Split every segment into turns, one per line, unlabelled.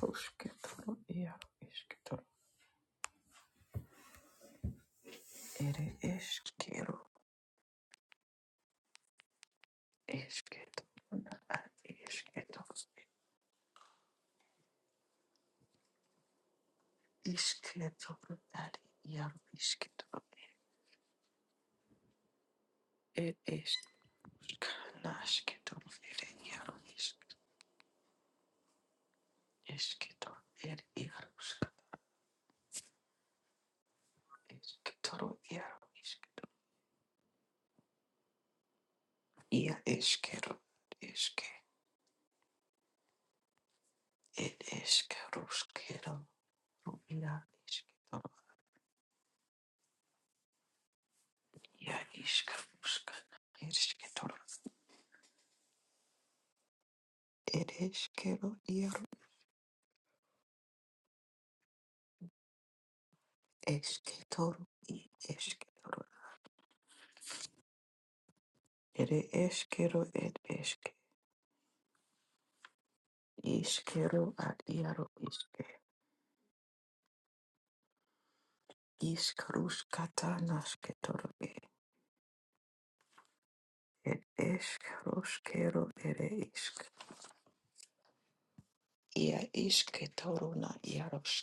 Ruskitoro iaro iskitoro ere eskero esketoro ad esketoro isketoro ad iaro isketoro ere esk nasketoro ere iaro isk esketoro ere iaro isk esketoro iaro isketoro ia eskero eske ed eskero skero ia esketoro ia isk rusk esketoro ere eskero iaro, Eskitoro i eskitoro ere eskero ed eske iskero ad iaro iske iskarus katanas e ed eskarus kero ere isk ia isketoro na iaros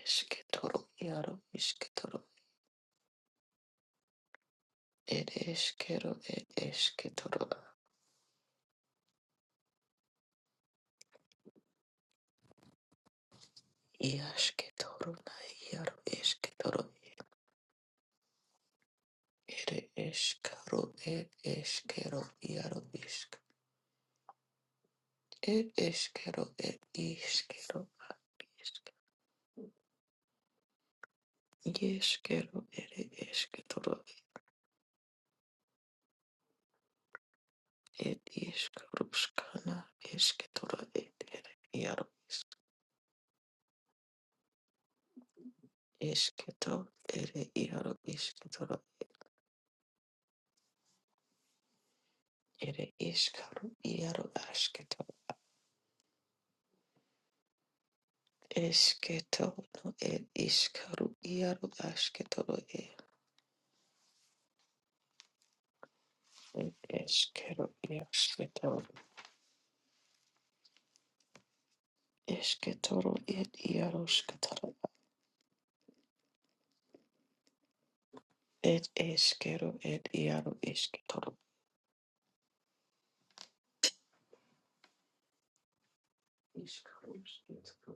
esketoro iaro isketoro ed eskero ed esketoro ia sketoro na iaro esketoro ere eskaro ed eskero iaro isk It is kettle, it is kettle, yes, kettle, it is kettle, it is kruskana, is kettle, it yaro, is kettle, it yaro, is kettle, it is karu, yaro, asketo, is kettle, no, it is karu, yaro, asketo, it is kettle, yes, kettle, is kettle, it yaro, skettle, it is kettle, it yaro, Ishkarushkitoro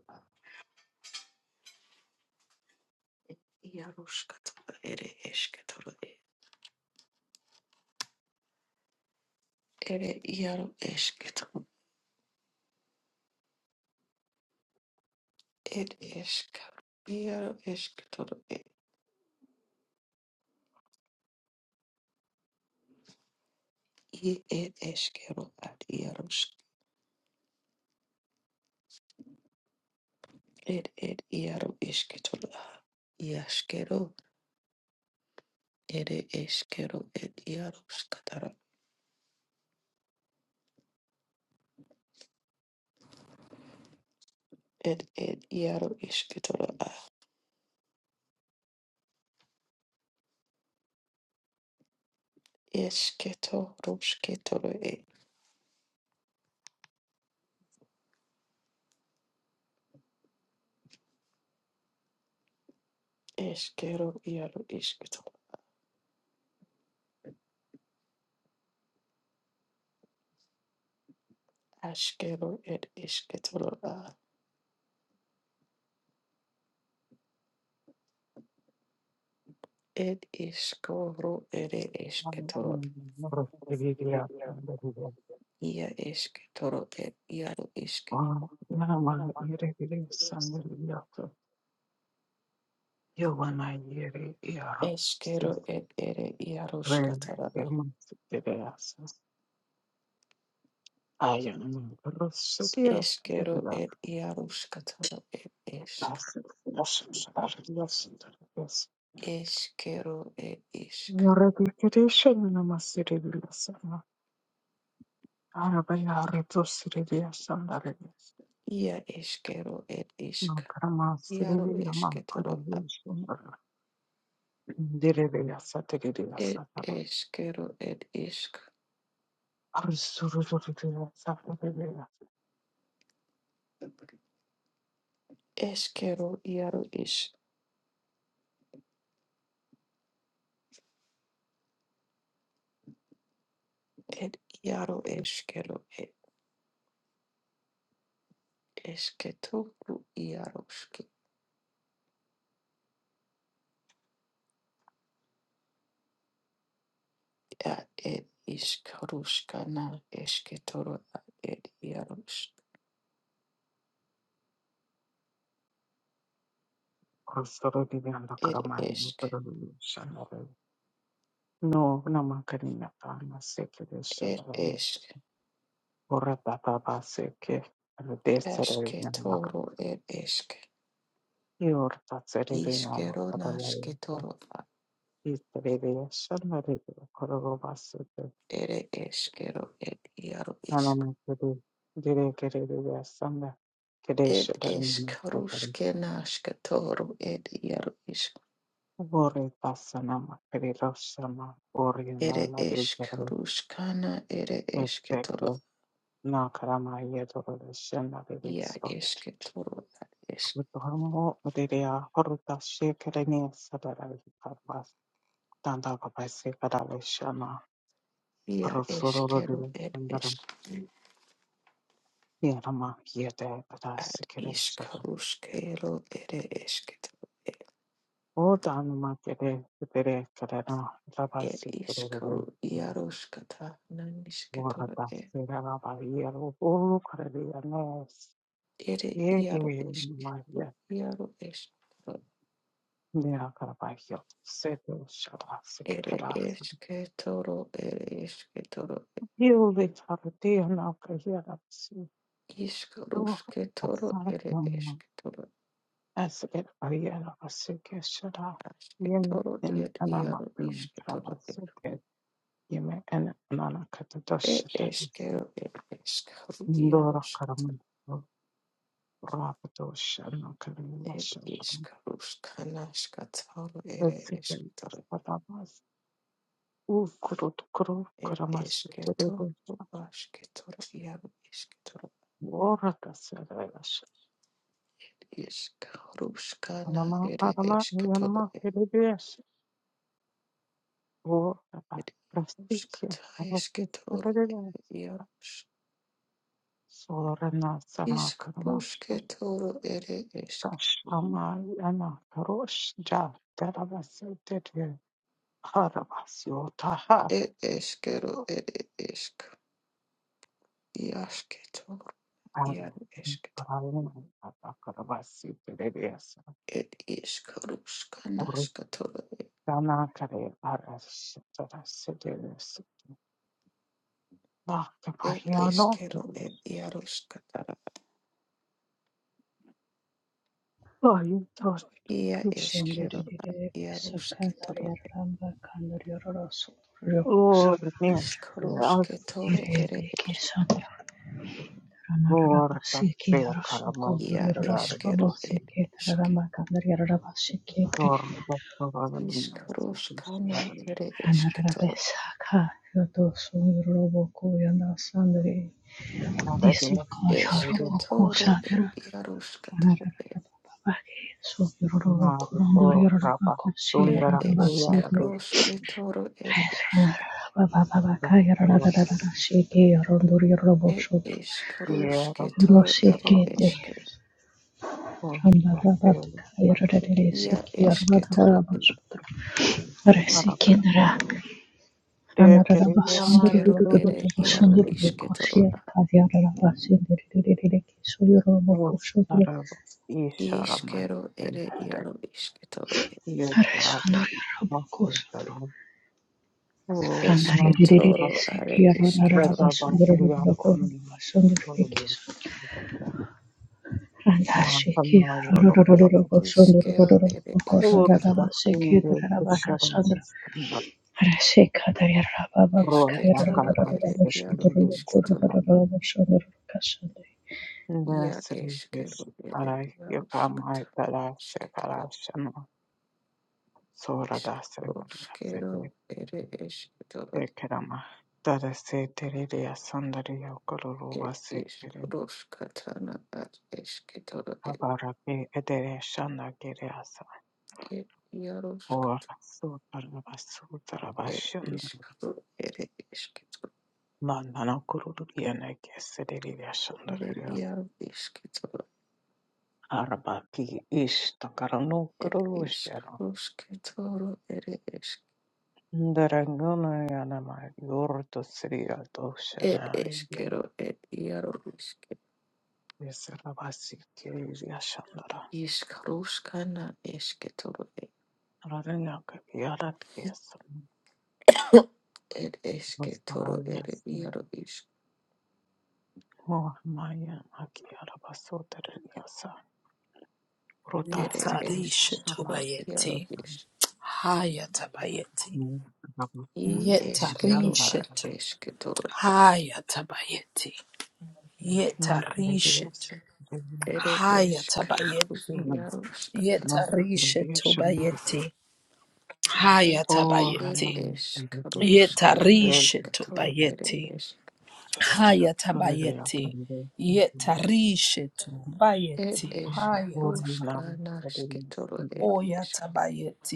Yarushkatoro Ere Eshkatoro Ere Yaru Eshkatoro Ed Eshkaru Yaru Eshkatoro E Ed Eshkero Ad Yarushk Ed Ed Yaru Eshkatoro Yashkero Ere Eshkero Ed Yarushkatoro Ed Ed Yaru Eshkatoro A Eshketo Rushketoro E Eshkero Yaru Eshkatoro Ashkero Ed Eshkatoro Ed iskoro ere
Yes,
esketoro, ia esketoro ed iaro isk. Eskero ed ere iaruskatarara. Eskero ed iaruskatara ed esk. Eskero ed isk. Ia eskero ed isk. Iaro esketoro a. Ed eskero ed isk.
No,
Eskero iaro is. Ed iaro eskero ed esketo iaro iske Ad ed ishkarushkana esketoro ad ed yarush. Ed esk.
namakanina tana sekere
Ed
shadaru.
esk.
Ora baba baseke. Ano desere namaka.
Esketoro ed esk.
Ior tatsere de nama
Iskerona
patalayo.
sketoro ad
Isere de shanare de korogo basete.
ere eskero ed yaru isk.
Nanama kere. Dire kere de asanga. Kere
Ed
shadaru namakatare.
eskarushkena sketoro ed yaru isk.
Vore pasana makere roshama. Vore
Ere
nana de
eskarushkana ere esketoro.
Perfecto. Na karamaya toro shena
Ia
bebeso.
esketoro ad esk.
Utomo udeya horuta shekereni sadara karpas. Tanda kapase kadale shana.
Ia
Arosororo
eskero
dele
ed
sandaram.
esk.
Yarama yete kada
Ad
sikere shana.
ishkarushkero ere eshketo.
O danuma kere kere karena raba
Ed
sikere
ishkaru
dele.
iaroshkata nanishketoro
Warata
e.
sera raba yero. Ulu kareli anes.
Ere
Ye
iaro ishkeru
uye
iaro eshketo.
Nera Karabakhio, Seto shala
Ere
Sekera,
esketoro ere eshketoro.
Hilde Taratea Nakayera Su,
Ishkarushketoro ere
Asatum,
esketoro.
Asaket Ariela Vasuke Shara, Yeme
Ashketoro
in
ed
Anama
iaro
Dum
esketoro e.
Travasuke, Yeme and Anana
E
Katadoshita,
eshkero ed eshkaru
Ndora
iaroshkata.
Karamu, Rapato Shana Karima
Ed
Shara,
ishkarushkanashkatoro ere
Vesikin
esketoro.
Aspatamas, Ukurut Kuru
ir
Karamas, Terebo,
iškėtoro, aškėtoro, jaru iškėtoro,
Ora
iškaruškana
Alama,
ir
alama,
iškėtoro,
yanama,
ir
bebeğiz. O, prestij,
jaruškata
alakiz,
iškėtoro,
bebeğiz.
jaruš,
Soruna sana kırma,
iškaruškėtoro ir išk,
taşlama, yana, karışca, derabası, dedi, arabası, otaha.
ir iškėro ir išk, jaškėtoro, jaru iškėtoro.
Paralım, akarabası, bebeğiz.
Ir iškaruškana škatoro,
Orıkana kare, arası, tarası, derisi.
ir
Mahkeme, yanı,
iškėro, ir jaruškatara,
Hayır, Tanrı.
ir
Krishna
iškėro, ir jaruškėtoro.
Lord, man, yes,
Ishkaroshke toro
yes,
ere esk.
Lord, that's fair, Karama,
Ia
Sagari,
eskero ere esk.
Lord, that's the other master,
Ishkaroshkana
Sagari,
ere eske toro.
and I guess I'm sorry,
Eske toro ere iaroshke toro ere.
Naruto, Rapa,
Ed
Sundara, Yadu,
eskroshke toro ere esk.
Lord,
Ed
Yara,
ishkaroshke toro ere
Shavan,
eske.
Lord, that's it, that's it,
Ia eske toro ere.
Take it in your
Eskero ere iaro
mind,
iske toro a.
is Ostara ishara
Ishkero ere
matende
iaro iske toro ere.
yegara mafundaro ostara
Eske toro are iske
veda
toro e.
vandriya samini mahasana yorokora
Et iskero ere
urda
esketoro.
siminde ishara istambar roda
Esketoro
kaban
ere iaro
sepinde
esketoro.
istambar
Ia
ndesri
eskero ere
ishara
iaro
yapamay
esketoro.
tara
Esketoro
sekara shana sora dasre
iskero skero
variya
ere esketoro.
Ekerama dare setereri asandari yokororo
Et
basekere
iskero skatana at esketoro ere
abarage edere shandagere asa
et iaro sketoro.
ora sotara basutara
Et
bashanda
iskero ere esketoro.
manana kururu yana kesereri
Ere
asandari asa
iaro esketoro.
arabaki ishtakara no
Et
kururu shana
iskero sketoro ere esketoro.
ndarangana yana ma yorto sriya doshana
El eskero, el iaro, iske,
yesera basikere asandara
iskaruskana, esketoro,
aranya kabiyarat kesan
el esketoro, el
Vastarayasi
iaro, isk,
Mohamaya Akiyarabasotariasa
el
Rotasi
Yetarisha
Kushana
eskero, iaro,
tobayeti.
isk,
Haya tabayeti.
i eskero, a
Yetarisha to.
esketoro,
Haya tabayeti. Yetarisha to.
el
Haya
eskaru,
tabayeti.
iaro, skatara,
no
Yetarisha
relation
tobayeti. Haya
or
el
tabayeti.
random
eskaruskana,
yes
Yetarisha
skatoro, el
tobayeti.
esk,
Haya
so they are
tabayeti.
converted
Yetarisha
el
tobayeti. Haya
or in
tabayeti.
love
eskaruskana,
with the Lord,
sketoro,
and
el
Oya
esk,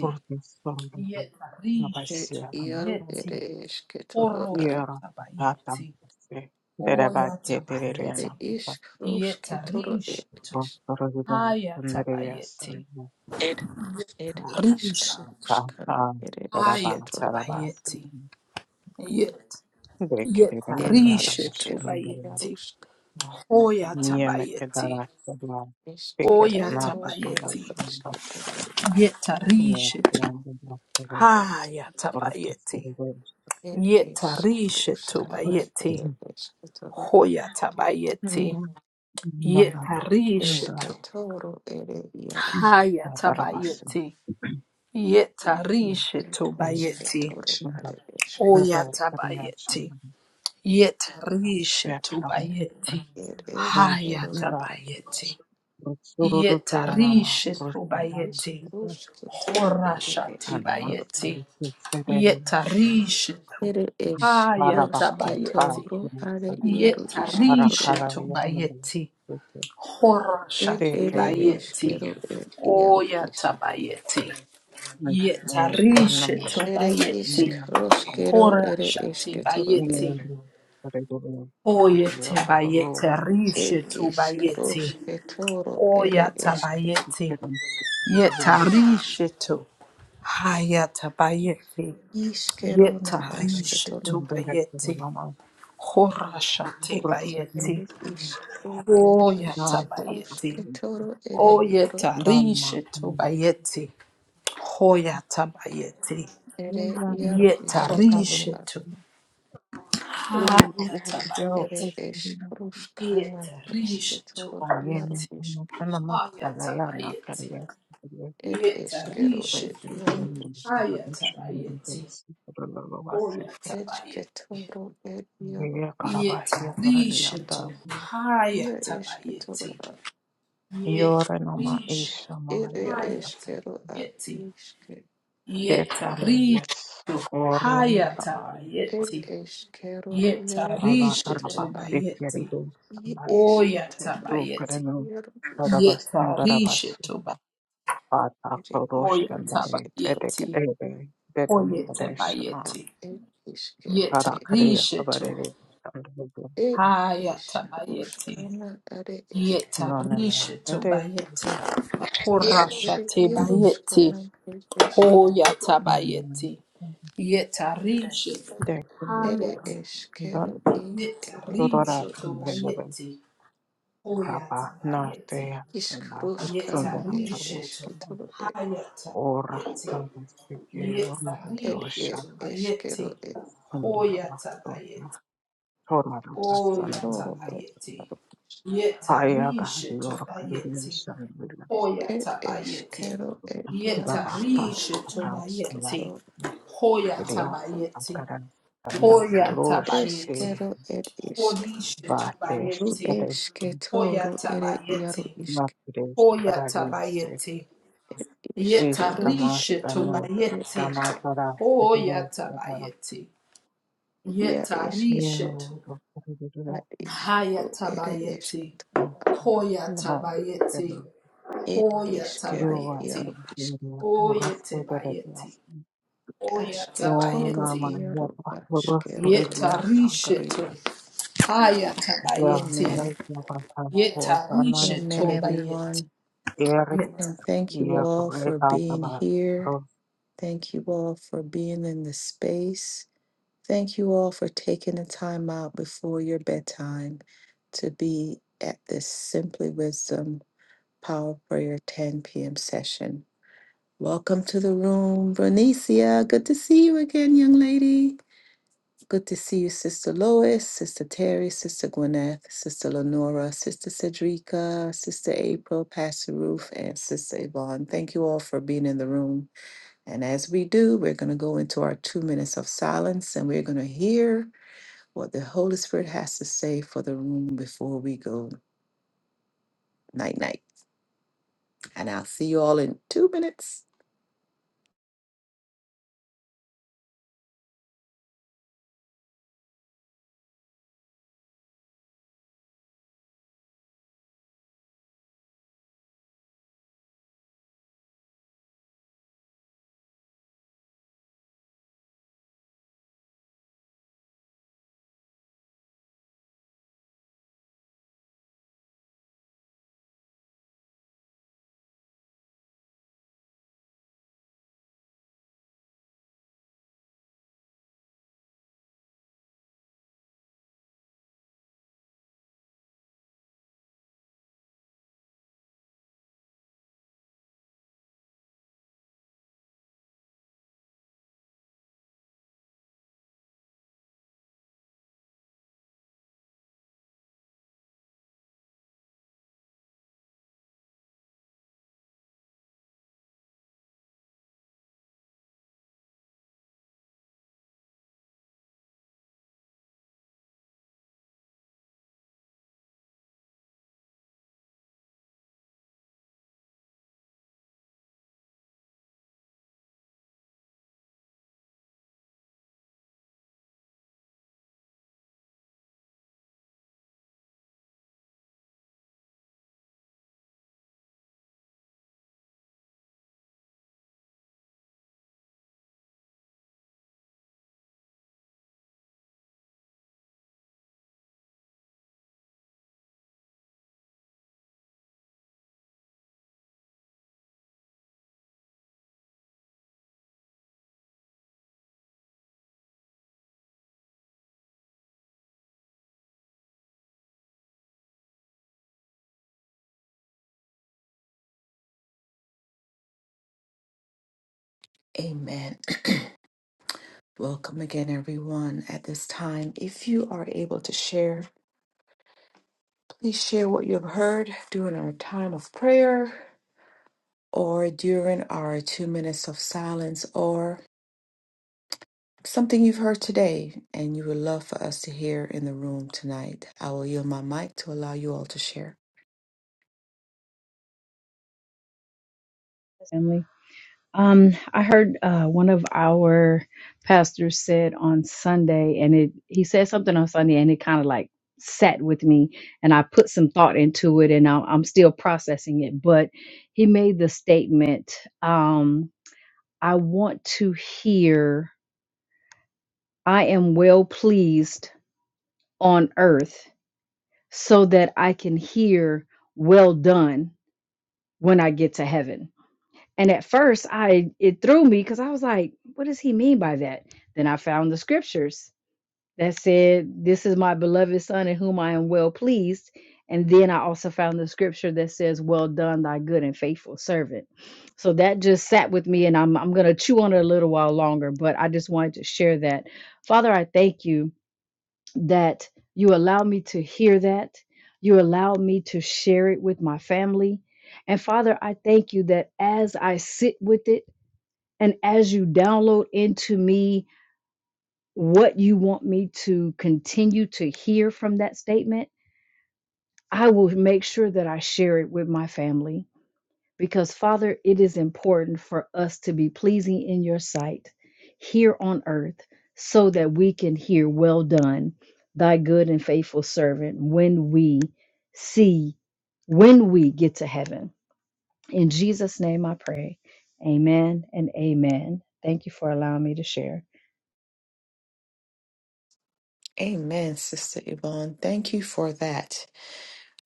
for this song
Yetarisha
el iaro,
Rabbi
tobayeti.
el esketoro, a
Orosho
Yoro Batam
tabayeti.
se Derabat
Oya
Ere
Ketiriliana
tabayeti.
ishkarushke
Yeta
toro ed
rishetu.
ish
Rotorian
Haya
Sundarius
tabayeti.
and
ed
Rishetu.
ishkarushkana
Tata
ere
Daraba
Haya
eshke toro
Darabas
tabayeti. Yet. Yeta
ed
Dekirian Darabus
rishetu
eshkero
bayeti.
yarushk
Oya tabayeti.
Niemekedara
eshke
Ticket
Oya
toro ere
Anatadias
tabayeti.
and
eshke toro
Yeta
the
rishetu. Haya
Ortus
tabayeti.
ed
Yeta rishetu
ishkarushkana
bayeti.
ere
Darabas
eshke toro
Hoya tabayeti. Yeta
eshke
rishetu.
toro ere yarushk
Hayatabayeti.
ed
Darabas
eshke
Yetarishetobayeti.
toro are eshke toro
Oyatabayeti.
Petram
Yetarishetobayeti.
ed eshkero
Rusna
ad
Hayatabayeti.
Rusururu Piranama Rustavan
Yetarishetobayeti.
ishkarushke toro ere
Anama
eshke
Horashatibayeti.
Rusidere
Yetarishetu.
Ere esh
Varavaka
Hayatabayeti.
roshketoro are
Parasa
iaro ishketoro a.
Varakara Yamari
Yetarishetobayeti.
Ed ere
Dekere
Horashatibayeti.
eshkero e iaro ish.
Oyatabayeti. Yetarishe to
Anamash
Ere ishk
bayeti,
Nama
roshkero
Hora
ere
shati
eshketoro e.
bayeti.
Yori Regular
Oyete
Sandario
bayete
Kurulova
Ed
rishe
ishk
tobayeti.
roshketoro ere
Oyata
eshke.
bayeti.
Kirin
Yetarishe to. Hayata bayeti.
Ishkero na
Yetarishe
ashketoro
to
a.
Direktor
bayeti,
Lama
Hora shati bayeti.
Ere
Urasadiris
ishro ere ish.
Oyata bayeti.
Roshketoro ere iaro ish.
Ndama
Oyetarishe tobayeti. Hoyata bayeti.
Ere
muna
iaro ishketoro
motokari
Yetarishe
a.
to.
urugero
Ere
Hayatabayeti.
ish
ukirasi
roshkana
Yeta rishi
ishketoro
omwene
iaro
tubayeti.
is.
umefana maktaba yana
Hayatabayeti.
kariasi kiriasi
It is
Yeta
eskero
rishi
It yaro
tubayeti.
is
karabashanda
Hayatabayeti.
mbesi kurulabasi
Hoyatabayeti.
esketoro It yaro
yeye
is
Yeta
karabahia
rishi
karalianda
tu.
ia
Hayatabayeti.
esketoro a
yore
Yeta
nama
rishi.
isha
ere
mahayara
eskero It
Hayatabayeti.
is niske
de
Yeta
karama
rishi
yes
tu.
orlando rabavi
ed
Hayatabayeti.
eskero
Yeta
yaro
araba
rishi
esketoro a
arabasti
tubayeti.
kerebe
i esketoro
So
Oyatabayeti.
Karanam
yaro is
Yetarishe
Saravasundarabasuta
toba
Pata
It
hoya
yaro is
Prodoshandare
tabayeti
Vedekare Vedo
hoye
a
Kadeshana
ed
bayeti
It is e It
Karakare
yetarishe to
Avare Shandabu
it
haya
is
tabayeti
ruskana are esketoro
Nanaman
yetarishe to
Vede
bayeti horasha
ere
te
yaro
bayeti
skana ed esketoro
hoya bayeti yetarishe
Ere
haya
eskero
Dekurusha
ir ere
yetarishe
Dora
ero
to
is-
Vedavas
bayeti hoya
Rabba
bayeti
Nate
iskruskana
Sundara
ir
yetarishe to
Kalasada
esketoro ir
haya
Ora
tabayeti
Tavasike
ir
Urudosha
ir eskero
Yetsarishetubayeti.
ir
Sundarabasuta
Hoyatabayeti.
Hormona
asketoro
basanmayas
ir
Oyatabayeti.
iaro is.
ayaga york
Yetarishetubayeti.
radiation villas
Ir
Hoyatabayeti.
eskero ir
babaha
iaroskatana
akab las
Yetarishetubayeti.
esketoro
villas
Hoyatabayeti.
akaran tamas rosh e
Hoyatabayeti.
eskero ir isk.
vatesh
Ru
Horishetubayeti.
tate
esketoro ere
Hoyatabayeti.
iaro isk.
matrish adaliase
Hoyatabayeti.
Ir
istamas tanya
iskrusketoro ere
Yetarishetubayeti.
isk.
namatara sigire tadara
Hoyatabayeti.
Ia esketoro
Yetarishetu.
yero
ad
radiation
isk. Ru ere
Hayatabayeti.
esketoro.
namai
Hoyatabayeti.
It
you
ishkero
are
Hoyatabayeti.
iaro ish
the Rasputin of
Oyetabayeti.
us. No, no,
ashketoro
Oyatabayeti.
man, yeah,
iaro
but for us, I
ashkero.
really have some
Yetarishetu.
careers. Yeah,
Hayatabayeti.
the
Amen.
ones that I have for the money,
Amen,
Yetarishetu
really,
bayeti.
everyone.
yeah,
Yeta-
And thank you
yeah,
all
great,
for
that's
being
about
here.
it.
Thank you all for being in the space. Thank you all for taking the time out before your bedtime to be at this Simply Wisdom Power Prayer 10 p.m. session. Welcome to the room, Vernicia. Good to see you again, young lady. Good to see you, Sister Lois, Sister Terry, Sister Gwyneth, Sister Lenora, Sister Cedrica, Sister April, Pastor Ruth, and Sister Yvonne. Thank you all for being in the room. And as we do, we're going to go into our two minutes of silence and we're going to hear what the Holy Spirit has to say for the room before we go night night. And I'll see you all in two minutes. Amen. Welcome again, everyone. At this time, if you are able to share, Please share what you have heard during our time of prayer or during our two minutes of silence or something you've heard today and you would love for us to hear in the room tonight. I will yield my mic to allow you all to share.
family. Um, I heard uh, one of our pastors said on Sunday, and it he said something on Sunday, and it kind of like sat with me, and I put some thought into it, and I'm, I'm still processing it. But he made the statement, um, "I want to hear. I am well pleased on earth, so that I can hear well done when I get to heaven." And at first, I it threw me because I was like, "What does he mean by that?" Then I found the scriptures that said, "This is my beloved son in whom I am well pleased." And then I also found the scripture that says, "Well done, thy good and faithful servant." So that just sat with me, and I'm I'm gonna chew on it a little while longer. But I just wanted to share that, Father. I thank you that you allow me to hear that. You allow me to share it with my family. And Father, I thank you that as I sit with it and as you download into me what you want me to continue to hear from that statement, I will make sure that I share it with my family because Father, it is important for us to be pleasing in your sight here on earth so that we can hear, Well done, thy good and faithful servant, when we see, when we get to heaven. In Jesus' name I pray. Amen and amen. Thank you for allowing me to share.
Amen, Sister Yvonne. Thank you for that.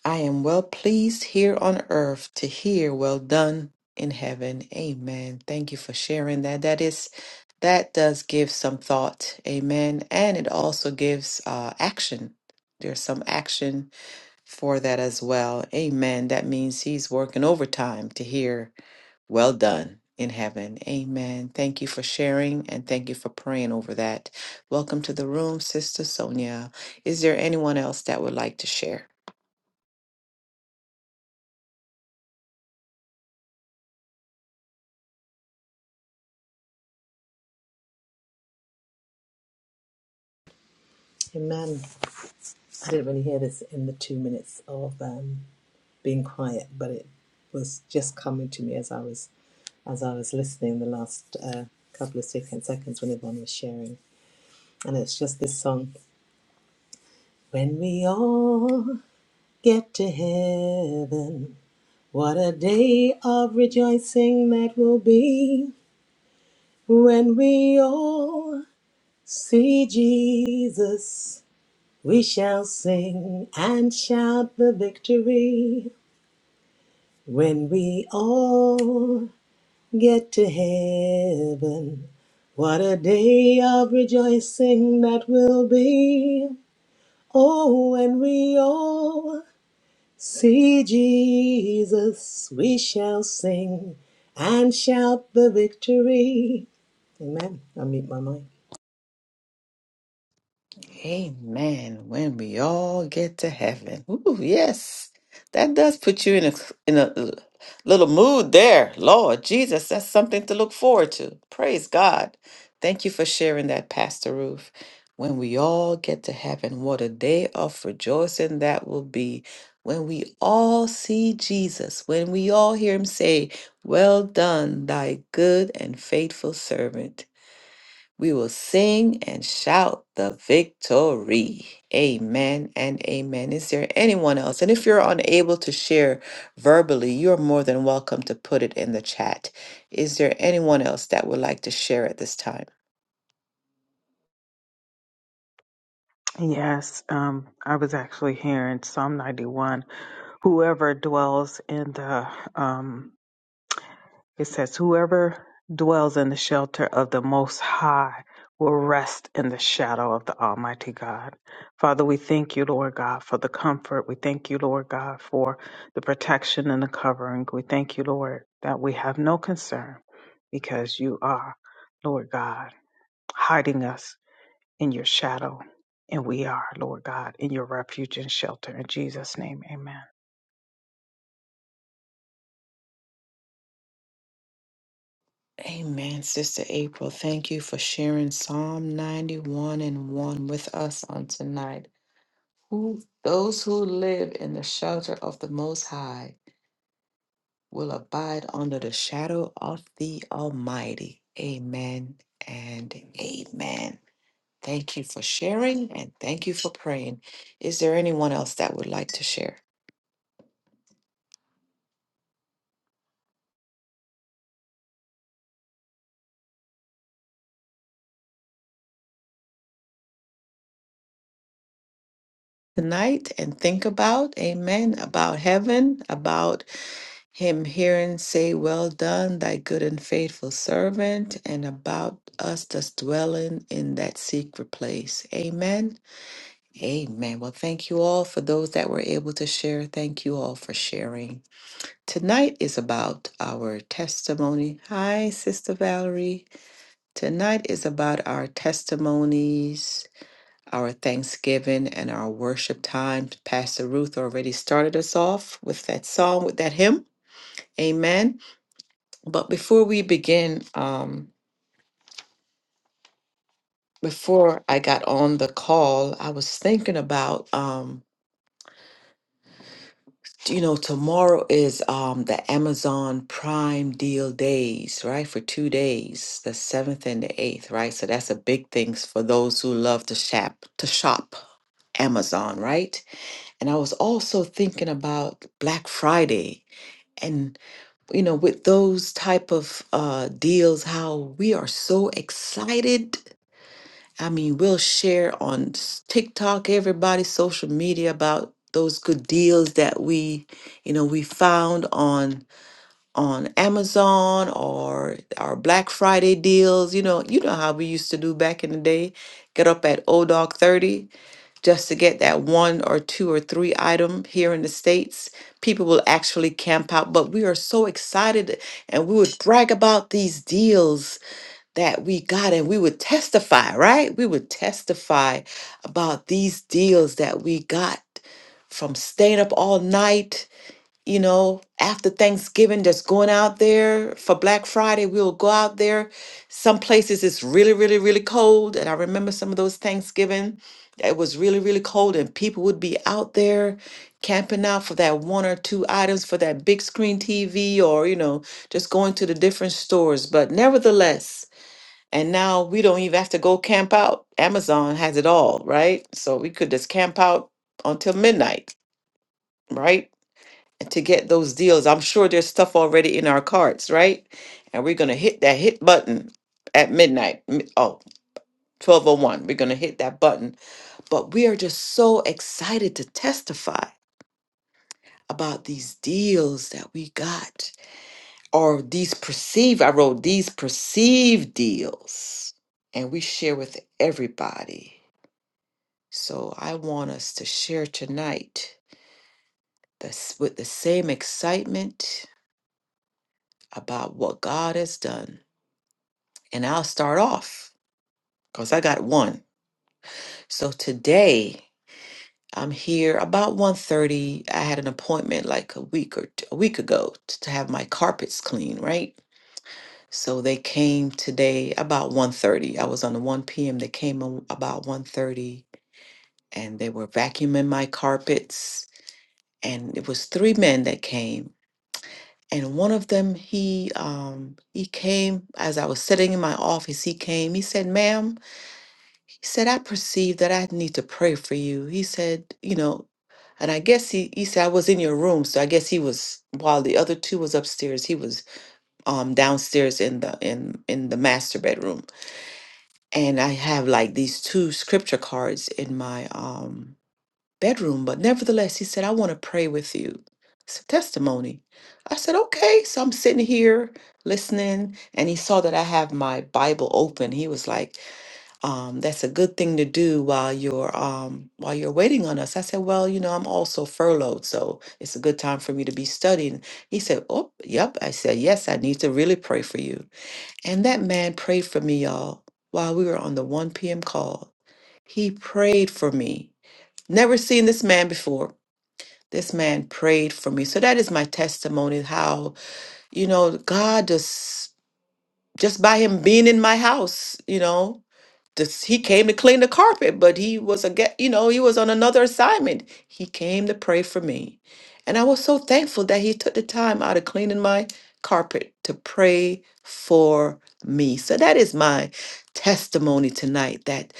I am well pleased here on earth to hear well done in heaven. Amen. Thank you for sharing that. That is that does give some thought. Amen. And it also gives uh action. There's some action for that as well. Amen. That means he's working overtime to hear well done in heaven. Amen. Thank you for sharing and thank you for praying over that. Welcome to the room, Sister Sonia. Is there anyone else that would like to share?
Amen. I didn't really hear this in the two minutes of um, being quiet, but it was just coming to me as I was as I was listening the last uh, couple of second, seconds when Yvonne was sharing, and it's just this song. When we all get to heaven, what a day of rejoicing that will be. When we all see Jesus, we shall sing and shout the victory. When we all get to heaven, what a day of rejoicing that will be. Oh, when we all see Jesus, we shall sing and shout the victory. Amen. I meet my mic.
Amen. When we all get to heaven. Ooh, yes. That does put you in a in a uh, little mood there. Lord Jesus, that's something to look forward to. Praise God. Thank you for sharing that, Pastor Ruth. When we all get to heaven, what a day of rejoicing that will be. When we all see Jesus, when we all hear him say, Well done, thy good and faithful servant. We will sing and shout the victory. Amen and amen. Is there anyone else? And if you're unable to share verbally, you're more than welcome to put it in the chat. Is there anyone else that would like to share at this time?
Yes, um, I was actually here in Psalm 91. Whoever dwells in the um, It says, Whoever dwells in the shelter of the Most High will rest in the shadow of the Almighty God. Father, we thank you, Lord God, for the comfort. We thank you, Lord God, for the protection and the covering. We thank you, Lord, that we have no concern because you are, Lord God, hiding us in your shadow. And we are, Lord God, in your refuge and shelter. In Jesus' name, amen.
Amen, Sister April. Thank you for sharing Psalm 91 and 1 with us on tonight. Who, those who live in the shelter of the Most High will abide under the shadow of the Almighty. Amen and amen. Thank you for sharing and thank you for praying. Is there anyone else that would like to share? tonight and think about, amen, about heaven, about him hearing say, Well done, thy good and faithful servant, and about us that's dwelling in that secret place. Amen. Amen. Well, thank you all for those that were able to share. Thank you all for sharing. Tonight is about our testimony. Hi, Sister Valerie. Tonight is about our testimonies, our thanksgiving, and our worship time. Pastor Ruth already started us off with that song, with that hymn. Amen. But before we begin, um, before I got on the call, I was thinking about, um, you know, tomorrow is um, the Amazon Prime Deal Days, right? For two days, the seventh and the eighth, right? So that's a big things for those who love to shop, to shop Amazon, right? And I was also thinking about Black Friday and you know with those type of uh deals how we are so excited I mean, we'll share on s- TikTok, everybody, social media about those good deals that we, you know, we found on on Amazon or our Black Friday deals. You know, you know how we used to do back in the day. Get up at old dog 30 just to get that one or two or three item here in the States. People will actually camp out, but we are so excited and we would brag about these deals that we got and we would testify, right? We would testify about these deals that we got from staying up all night, you know, after Thanksgiving, just going out there for Black Friday. We'll go out there. Some places it's really, really, really cold. And I remember some of those Thanksgiving, it was really, really cold, and people would be out there camping out for that one or two items for that big screen TV or, you know, just going to the different stores. But nevertheless, and now we don't even have to go camp out. Amazon has it all, right? So we could just camp out until midnight, right? And To get those deals. I'm sure there's stuff already in our carts, right? And we're going to hit that hit button at midnight. mi- Oh, 1201. We're going to hit that button. But we are just so excited to testify about these deals that we got or these perceived, I wrote these perceived deals. And we share with everybody So I want us to share tonight this, with the same excitement about what God has done. And I'll start off because I got one. So today I'm here about one thirty. I had an appointment like a week or t- a week ago t- to have my carpets clean, right? So they came today about one thirty. I was on the 1 p.m. They came a- about one thirty, and they were vacuuming my carpets. And it was three men that came and one of them he um he came as i was sitting in my office he came he said ma'am he said i perceive that i need to pray for you he said you know and i guess he he said i was in your room so i guess he was while the other two was upstairs he was um downstairs in the in in the master bedroom and i have like these two scripture cards in my um bedroom. But nevertheless, he said, I want to pray with you. It's a testimony. I said, okay. So I'm sitting here listening, and he saw that I have my Bible open. He was like, um, that's a good thing to do while you're um, while you're waiting on us. I said, well, you know, I'm also furloughed, so it's a good time for me to be studying. He said, oh, yep. I said, yes, I need to really pray for you. And that man prayed for me, y'all, while we were on the 1 p.m. call. He prayed for me. Never seen this man before. This man prayed for me. So that is my testimony how, you know, God just just by him being in my house, you know, just he came to clean the carpet, but he was a get, you know, he was on another assignment. He came to pray for me. And I was so thankful that he took the time out of cleaning my carpet to pray for me. So that is my testimony tonight that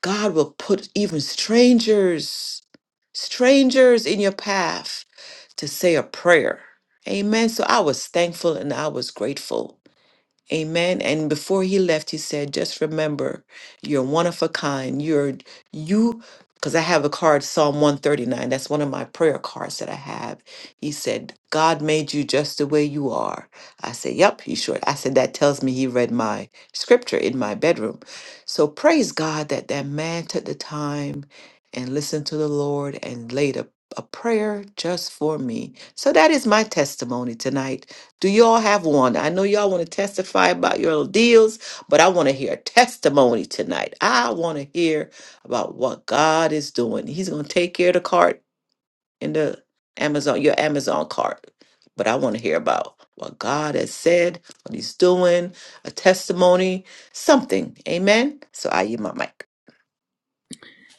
God will put even strangers strangers in your path to say a prayer. Amen. So I was thankful and I was grateful Amen. And before he left, he said, just remember, you're one of a kind. You're you, because I have a card, Psalm 139. That's one of my prayer cards that I have. He said, God made you just the way you are. I said, Yep, he sure. I said, That tells me he read my scripture in my bedroom. So praise God that that man took the time and listened to the Lord and laid a, a prayer just for me. So that is my testimony tonight do y'all have one? I know y'all want to testify about your deals, but I want to hear a testimony tonight. I want to hear about what God is doing. He's going to take care of the cart in the Amazon, your Amazon cart. But I want to hear about what God has said, what He's doing, a testimony, something. Amen. So I use my mic.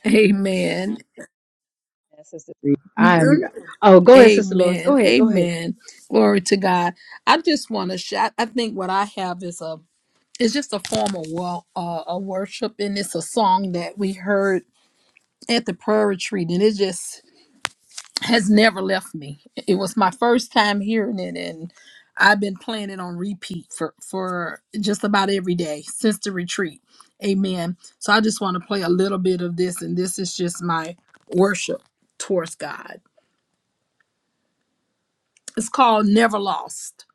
Amen.
That's Sister Reed. I'm oh go ahead, Sister Lois. Go
Amen.
ahead. Go ahead.
Amen. Glory to God. I just want to shout. I think what I have is a it's just a form of well, uh, a worship, and it's a song that we heard at the prayer retreat, and it just has never left me. It was my first time hearing it, and I've been playing it on repeat for for just about every day since the retreat. Amen. So I just want to play a little bit of this, and this is just my worship towards God. It's called Never Lost.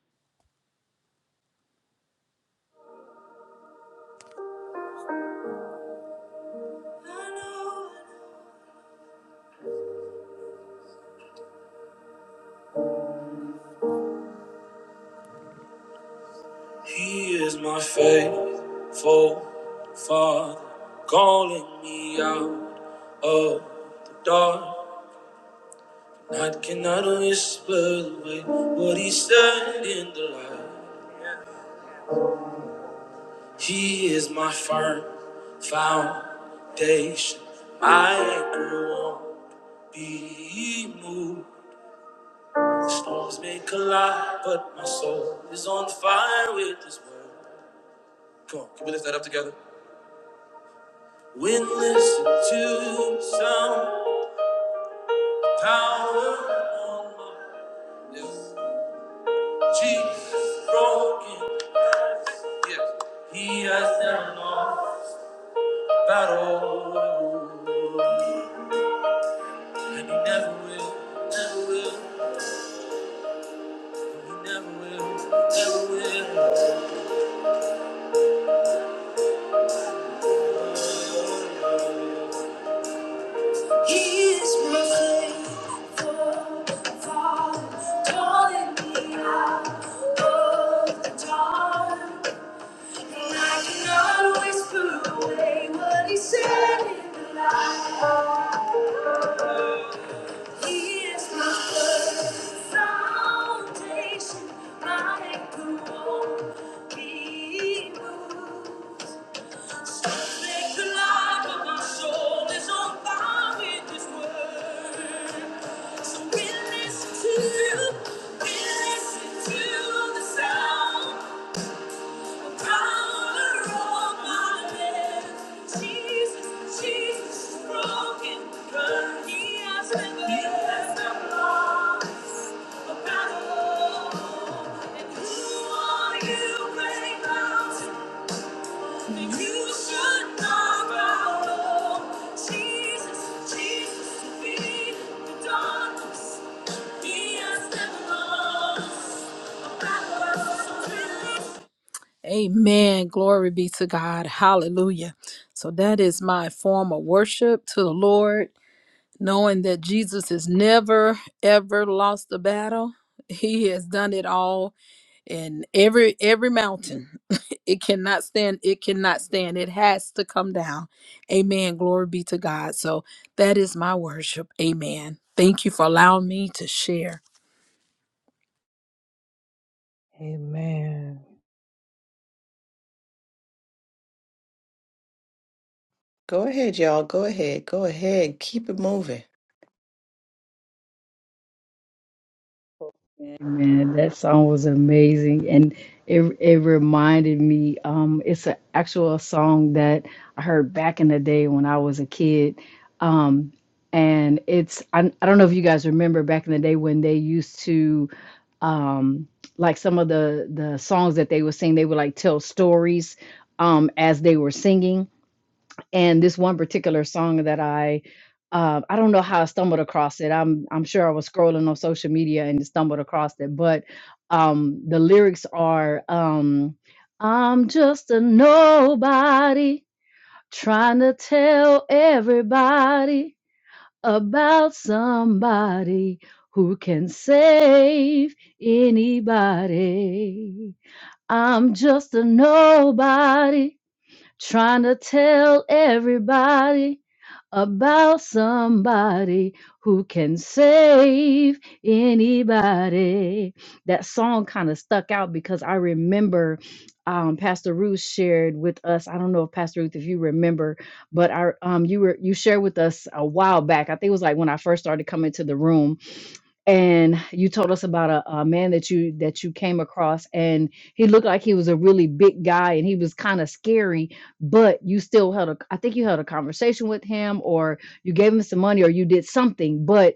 He is my faithful Father, calling me out. Oh, the dark. Night cannot whisper away what he said in the light. He is my firm foundation. my anchor won't be moved. The storms may collide, but my soul is on fire with His word. Come on, can we lift that up together? When listen to some power on my yes. Jesus broken Yes. He has never lost a battle. And he never will, never will, and he never will, never will. He is my faithful Father, calling me out of the dark. I cannot whisper away what he said in the light. He is my first foundation, my anchor won't be moved. So make the light of my soul is on fire with his word. So we to you, we to the sound. Jesus, Jesus, broken, but he has never lost. He has never lost a battle. Amen. Glory be to God. Hallelujah. So that is my form of worship to the Lord, knowing that Jesus has never ever lost the battle. He has done it all in every every mountain. it cannot stand, it cannot stand. It has to come down. Amen. Glory be to God. So that is my worship. Amen. Thank you for allowing me to share.
Amen.
Go ahead, y'all. Go ahead. Go ahead. Keep it moving.
Man, that song was amazing, and it it reminded me. Um, it's an actual song that I heard back in the day when I was a kid. Um, and it's I, I don't know if you guys remember back in the day when they used to um like some of the the songs that they would sing, they would like tell stories um as they were singing and this one particular song that I uh, I don't know how I stumbled across it. I'm I'm sure I was scrolling on social media and stumbled across it, but um, the lyrics are um, I'm just a nobody trying to tell everybody about somebody who can save anybody. I'm just a nobody trying to tell everybody about somebody who can save anybody. That song kind of stuck out because I remember um, Pastor Ruth shared with us. I don't know if Pastor Ruth, if you remember, but I um, you were you shared with us a while back. I think it was like when I first started coming to the room and you told us about a, a man that you that you came across and he looked like he was a really big guy and he was kind of scary but you still held a i think you held a conversation with him or you gave him some money or you did something but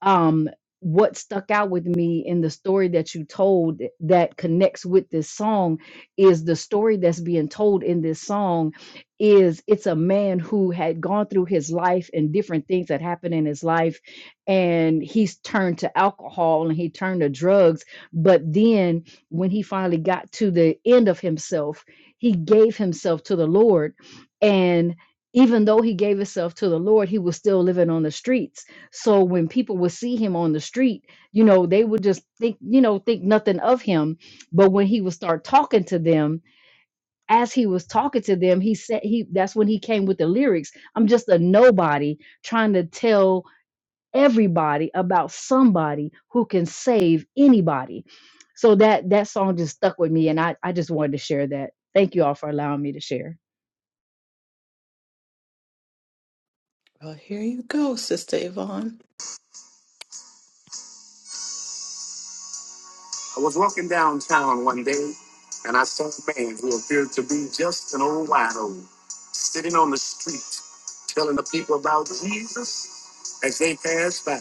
um what stuck out with me in the story that you told that connects with this song is the story that's being told in this song is it's a man who had gone through his life and different things that happened in his life and he's turned to alcohol and he turned to drugs. But then when he finally got to the end of himself, he gave himself to the Lord. And even though he gave himself to the Lord, he was still living on the streets. So when people would see him on the street, you know, they would just think, you know, think nothing of him. But when he would start talking to them, as he was talking to them, he said he that's when he came with the lyrics. I'm just a nobody trying to tell everybody about somebody who can save anybody. So that that song just stuck with me, and I I just wanted to share that. Thank you all for allowing me to share.
Well, here you go, Sister Yvonne. I was walking downtown one day and I saw a man who appeared to be just an old wino sitting on the street telling the people about Jesus as they passed by.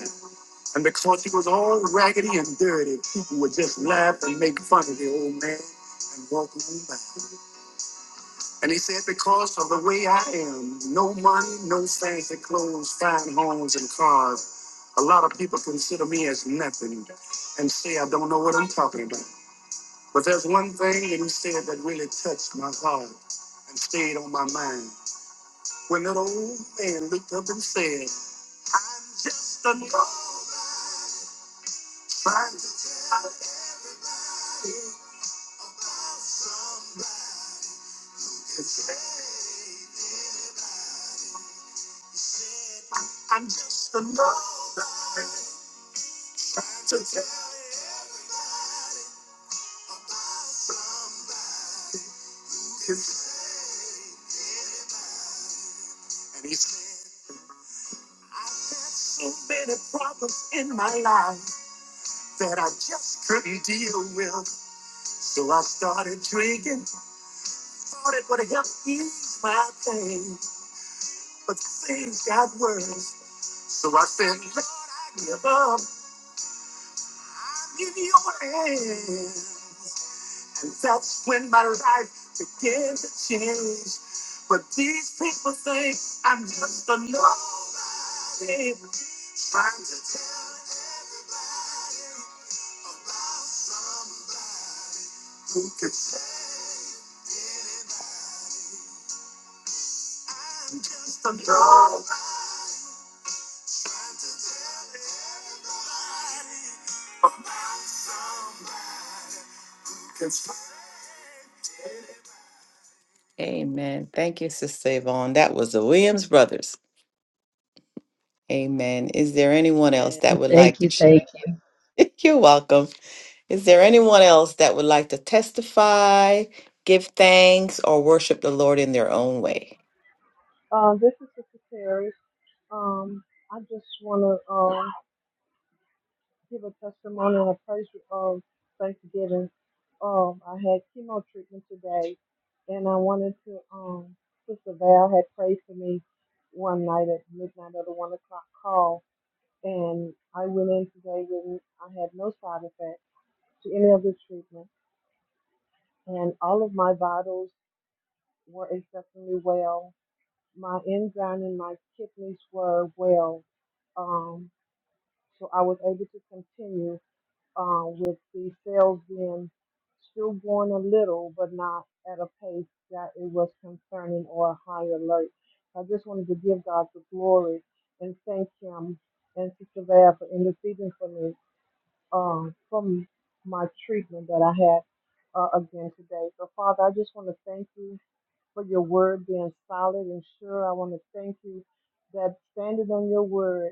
And because he was all raggedy and dirty, people would just laugh and make fun of the old man and walk on by. And he said, Because of the way I am, no money, no fancy clothes, fine homes, and cars, a lot of people consider me as nothing and say I don't know what I'm talking about. But there's one thing that he said that really touched my heart and stayed on my mind. When that old man looked up and said, I'm just a man trying to tell his I'm just a man trying to tell his And he said, I had so many problems in my life that I just couldn't deal with. So I started drinking, thought it would help ease my pain. but things got worse. So I said, Lord, I give up. I'm in your hands. And that's when my life began to change. But these people think I'm just a nobody trying to tell who can I'm just a nobody trying to tell everybody about somebody who can save anybody. Amen. Thank you, Sister Yvonne. That was the Williams Brothers. Amen. Is there anyone else that would
Thank
like to?
you.
sh-
Thank
You're welcome. Is there anyone else that would like to testify, give thanks, or worship the Lord in their own way?
Uh, this is Sister Terry. Um, I just want to um, give a testimony and a praise of Thanksgiving. Um, I had chemo treatment today, and I wanted to. Um, Sister Val had prayed for me one night at midnight of the one o'clock call, and I went in today with I had no side effects to any of the treatment, and all of my vitals were exceptionally well. My enzyme and my kidneys were well Um, So I was able to continue um, with the sales being still going a little, but not at a pace that it was concerning or a high alert. I just wanted to give God the glory and thank Him and Sister Val for interceding for me um, from my treatment that I had uh, again today. So, Father, I just want to thank you for your word being solid and sure. I want to thank you that standing on your word,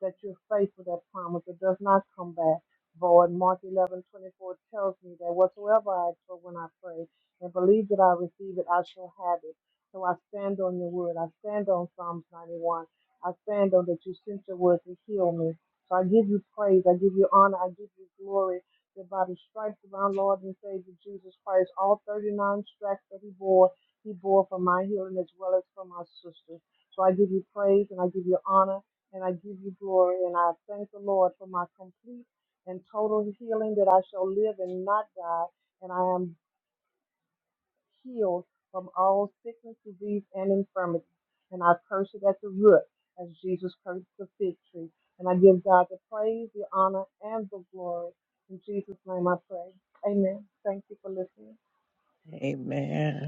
that you're faithful, that promise that does not come back void. Mark 11 24 tells me that whatsoever I ask for when I pray and believe that I receive it, I shall have it. So I stand on your word. I stand on Psalms 91. I stand on that you sent your word to heal me. So I give you praise. I give you honor. I give you glory. That by the stripes of our Lord and Savior Jesus Christ, all 39 stripes that he bore, he bore for my healing as well as for my sisters. So I give you praise and I give you honor and I give you glory. And I thank the Lord for my complete and total healing that I shall live and not die. And I am healed from all sickness, disease, and infirmity. And I curse it at the root as Jesus cursed the fig tree. And I give God the praise, the honor, and the glory. In Jesus' name I pray. Amen. Thank you for listening.
Amen.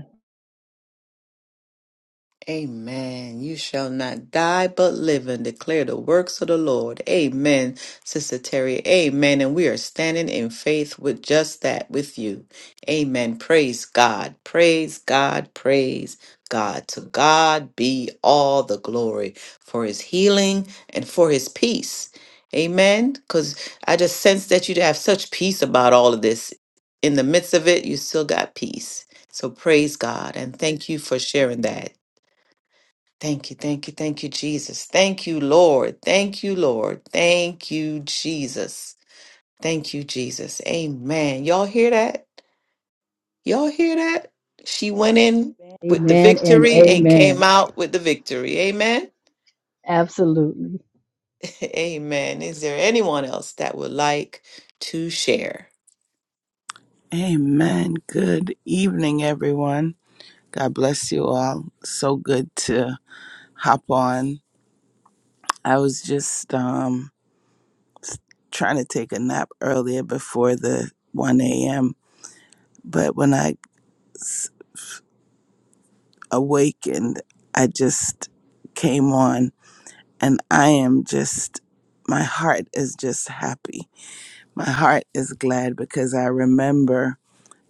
Amen. You shall not die but live and declare the works of the Lord. Amen, Sister Terry. Amen. And we are standing in faith with just that with you. Amen. Praise God. Praise God. Praise God. To God be all the glory for his healing and for his peace. Amen. Because I just sense that you have such peace about all of this. In the midst of it, you still got peace. So praise God and thank you for sharing that. Thank you, thank you, thank you, Jesus. Thank you, Lord. Thank you, Lord. Thank you, Jesus. Thank you, Jesus. Amen. Y'all hear that? Y'all hear that? She went in
you.
with the
Amen and
victory and came
amen.
out with the victory. Amen.
Absolutely.
Amen. Is there anyone else that would like to share?
Amen. Good evening, everyone. God bless you all. So good to hop on. I was just um, trying to take a nap earlier before the 1 a.m., but when I s- awakened, I just came on and I am just, my heart is just happy. My heart is glad because I remember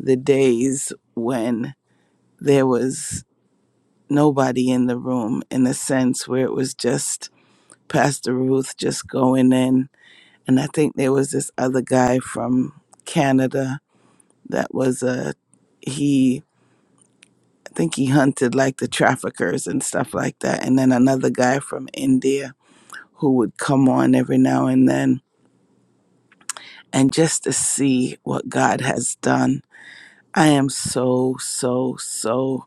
the days when there was nobody in the room in a sense where it was just Pastor Ruth just going in. And I think there was this other guy from Canada that was a, he, I think he hunted like the traffickers and stuff like that. And then another guy from India who would come on every now and then. And just to see what God has done, I am so, so, so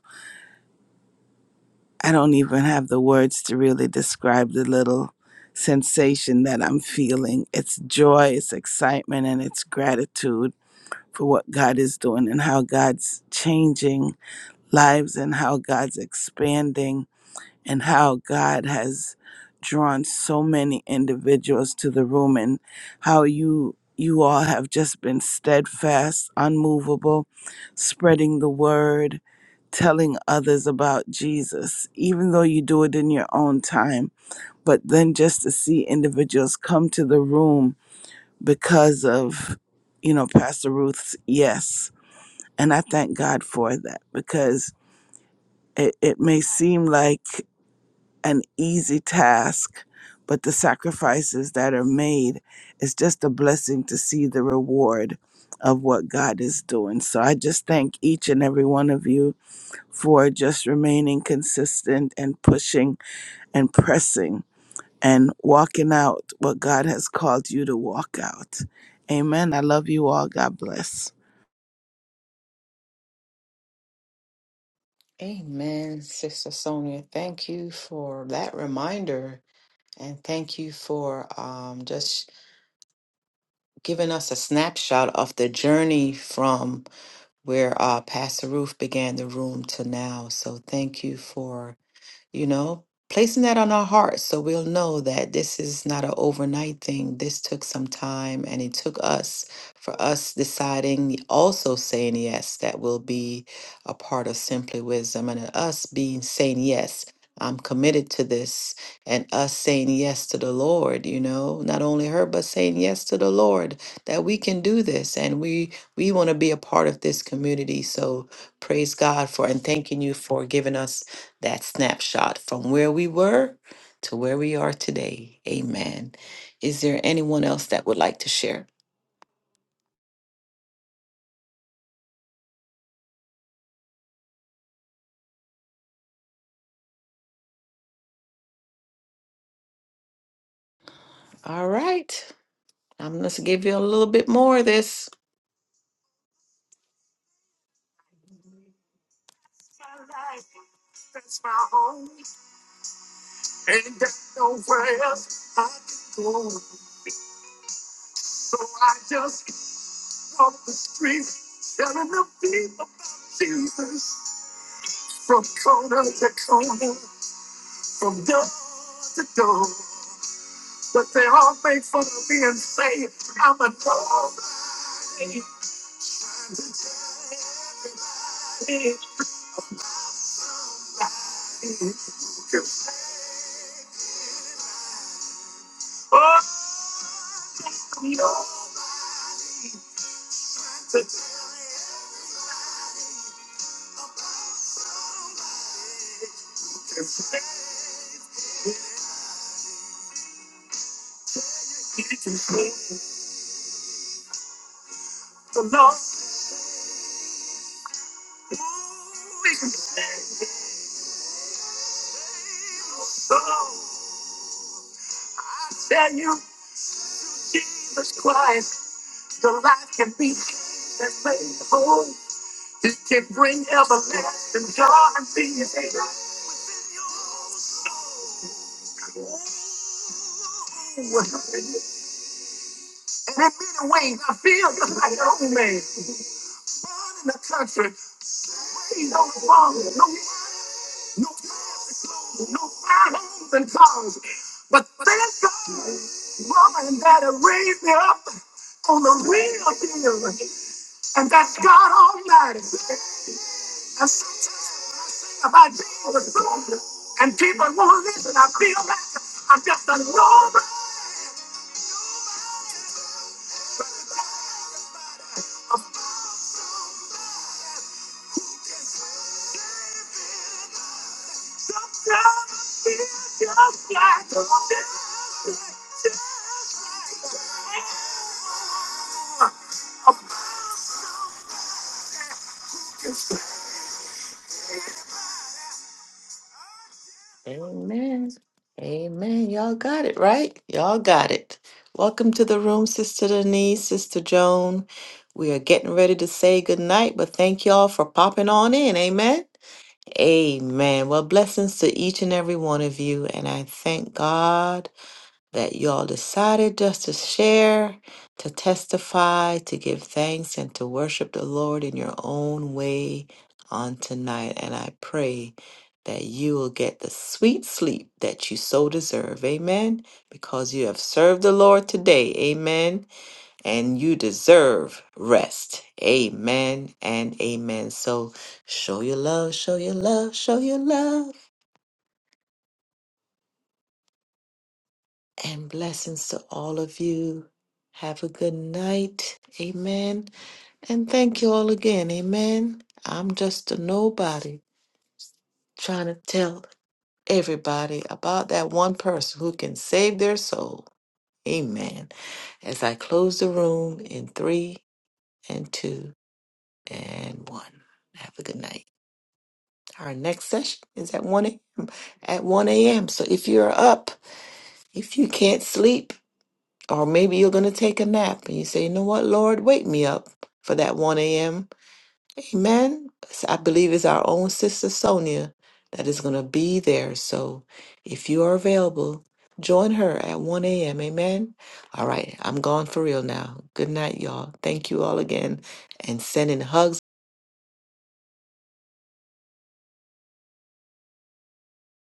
I don't even have the words to really describe the little sensation that I'm feeling. It's joy, it's excitement, and it's gratitude for what God is doing and how God's changing lives and how God's expanding and how God has drawn so many individuals to the room and how you you all have just been steadfast, unmovable, spreading the word, telling others about Jesus, even though you do it in your own time. But then just to see individuals come to the room because of, you know, Pastor Ruth's yes. And I thank God for that because it, it may seem like an easy task, but the sacrifices that are made, it's just a blessing to see the reward of what God is doing. So I just thank each and every one of you for just remaining consistent and pushing and pressing and walking out what God has called you to walk out. Amen. I love you all. God bless.
Amen, Sister Sonia. Thank you for that reminder. And thank you for um, just giving us a snapshot of the journey from where uh, Pastor Ruth began the room to now. So thank you for you know, placing that on our hearts so we'll know that this is not an overnight thing. This took some time and it took us for us deciding, also saying yes, that will be a part of Simply Wisdom and us being saying yes. I'm committed to this and us saying yes to the Lord, you know, not only her, but saying yes to the Lord that we can do this and we we want to be a part of this community. So praise God for and thanking you for giving us that snapshot from where we were to where we are today. Amen. Is there anyone else that would like to share? All right. I'm going to give you a little bit more of this. But they all make fun of me and say I'm a dog. Oh, I'm nobody. no. The Lord, we can say, oh. I tell you, Jesus Christ, your life can be and made whole. He can bring everlasting joy and peace. And in many ways, I feel just like an old man. Born in the country, raised on the farm, no no fancy clothes, no fine homes and cars. But thank God, Mama and Daddy raised me up on the real deal. And that's God Almighty. And sometimes when I sing about Jesus Lord, and people won't listen, I feel like I'm just a normal of Amen. Amen. Y'all got it, right? Y'all got it. Welcome to the room, Sister Denise, Sister Joan. We are getting ready to say goodnight, but thank y'all for popping on in. Amen. Amen. Well, blessings to each and every one of you. And I thank God that y'all decided just to share, to testify, to give thanks, and to worship the Lord in your own way on tonight. And I pray that you will get the sweet sleep that you so deserve. Amen. Because you have served the Lord today. Amen and you deserve rest. Amen and amen. So show your love, show your love, show your love, and blessings to all of you. Have a good night. Amen. And thank you all again. Amen. I'm just a nobody trying to tell everybody about that one person who can save their soul. Amen. As I close the room in three and two and one. Have a good night. Our next session is at 1 a.m. At 1 a.m. So if you're up, if you can't sleep, or maybe you're going to take a nap and you say, you know what, Lord, wake me up for that 1 a.m. Amen. So I believe it's our own sister Sonia that is going to be there. So if you are available, join her at 1 a.m. Amen. All right. I'm gone for real now. Good night, y'all. Thank you all again and sending hugs.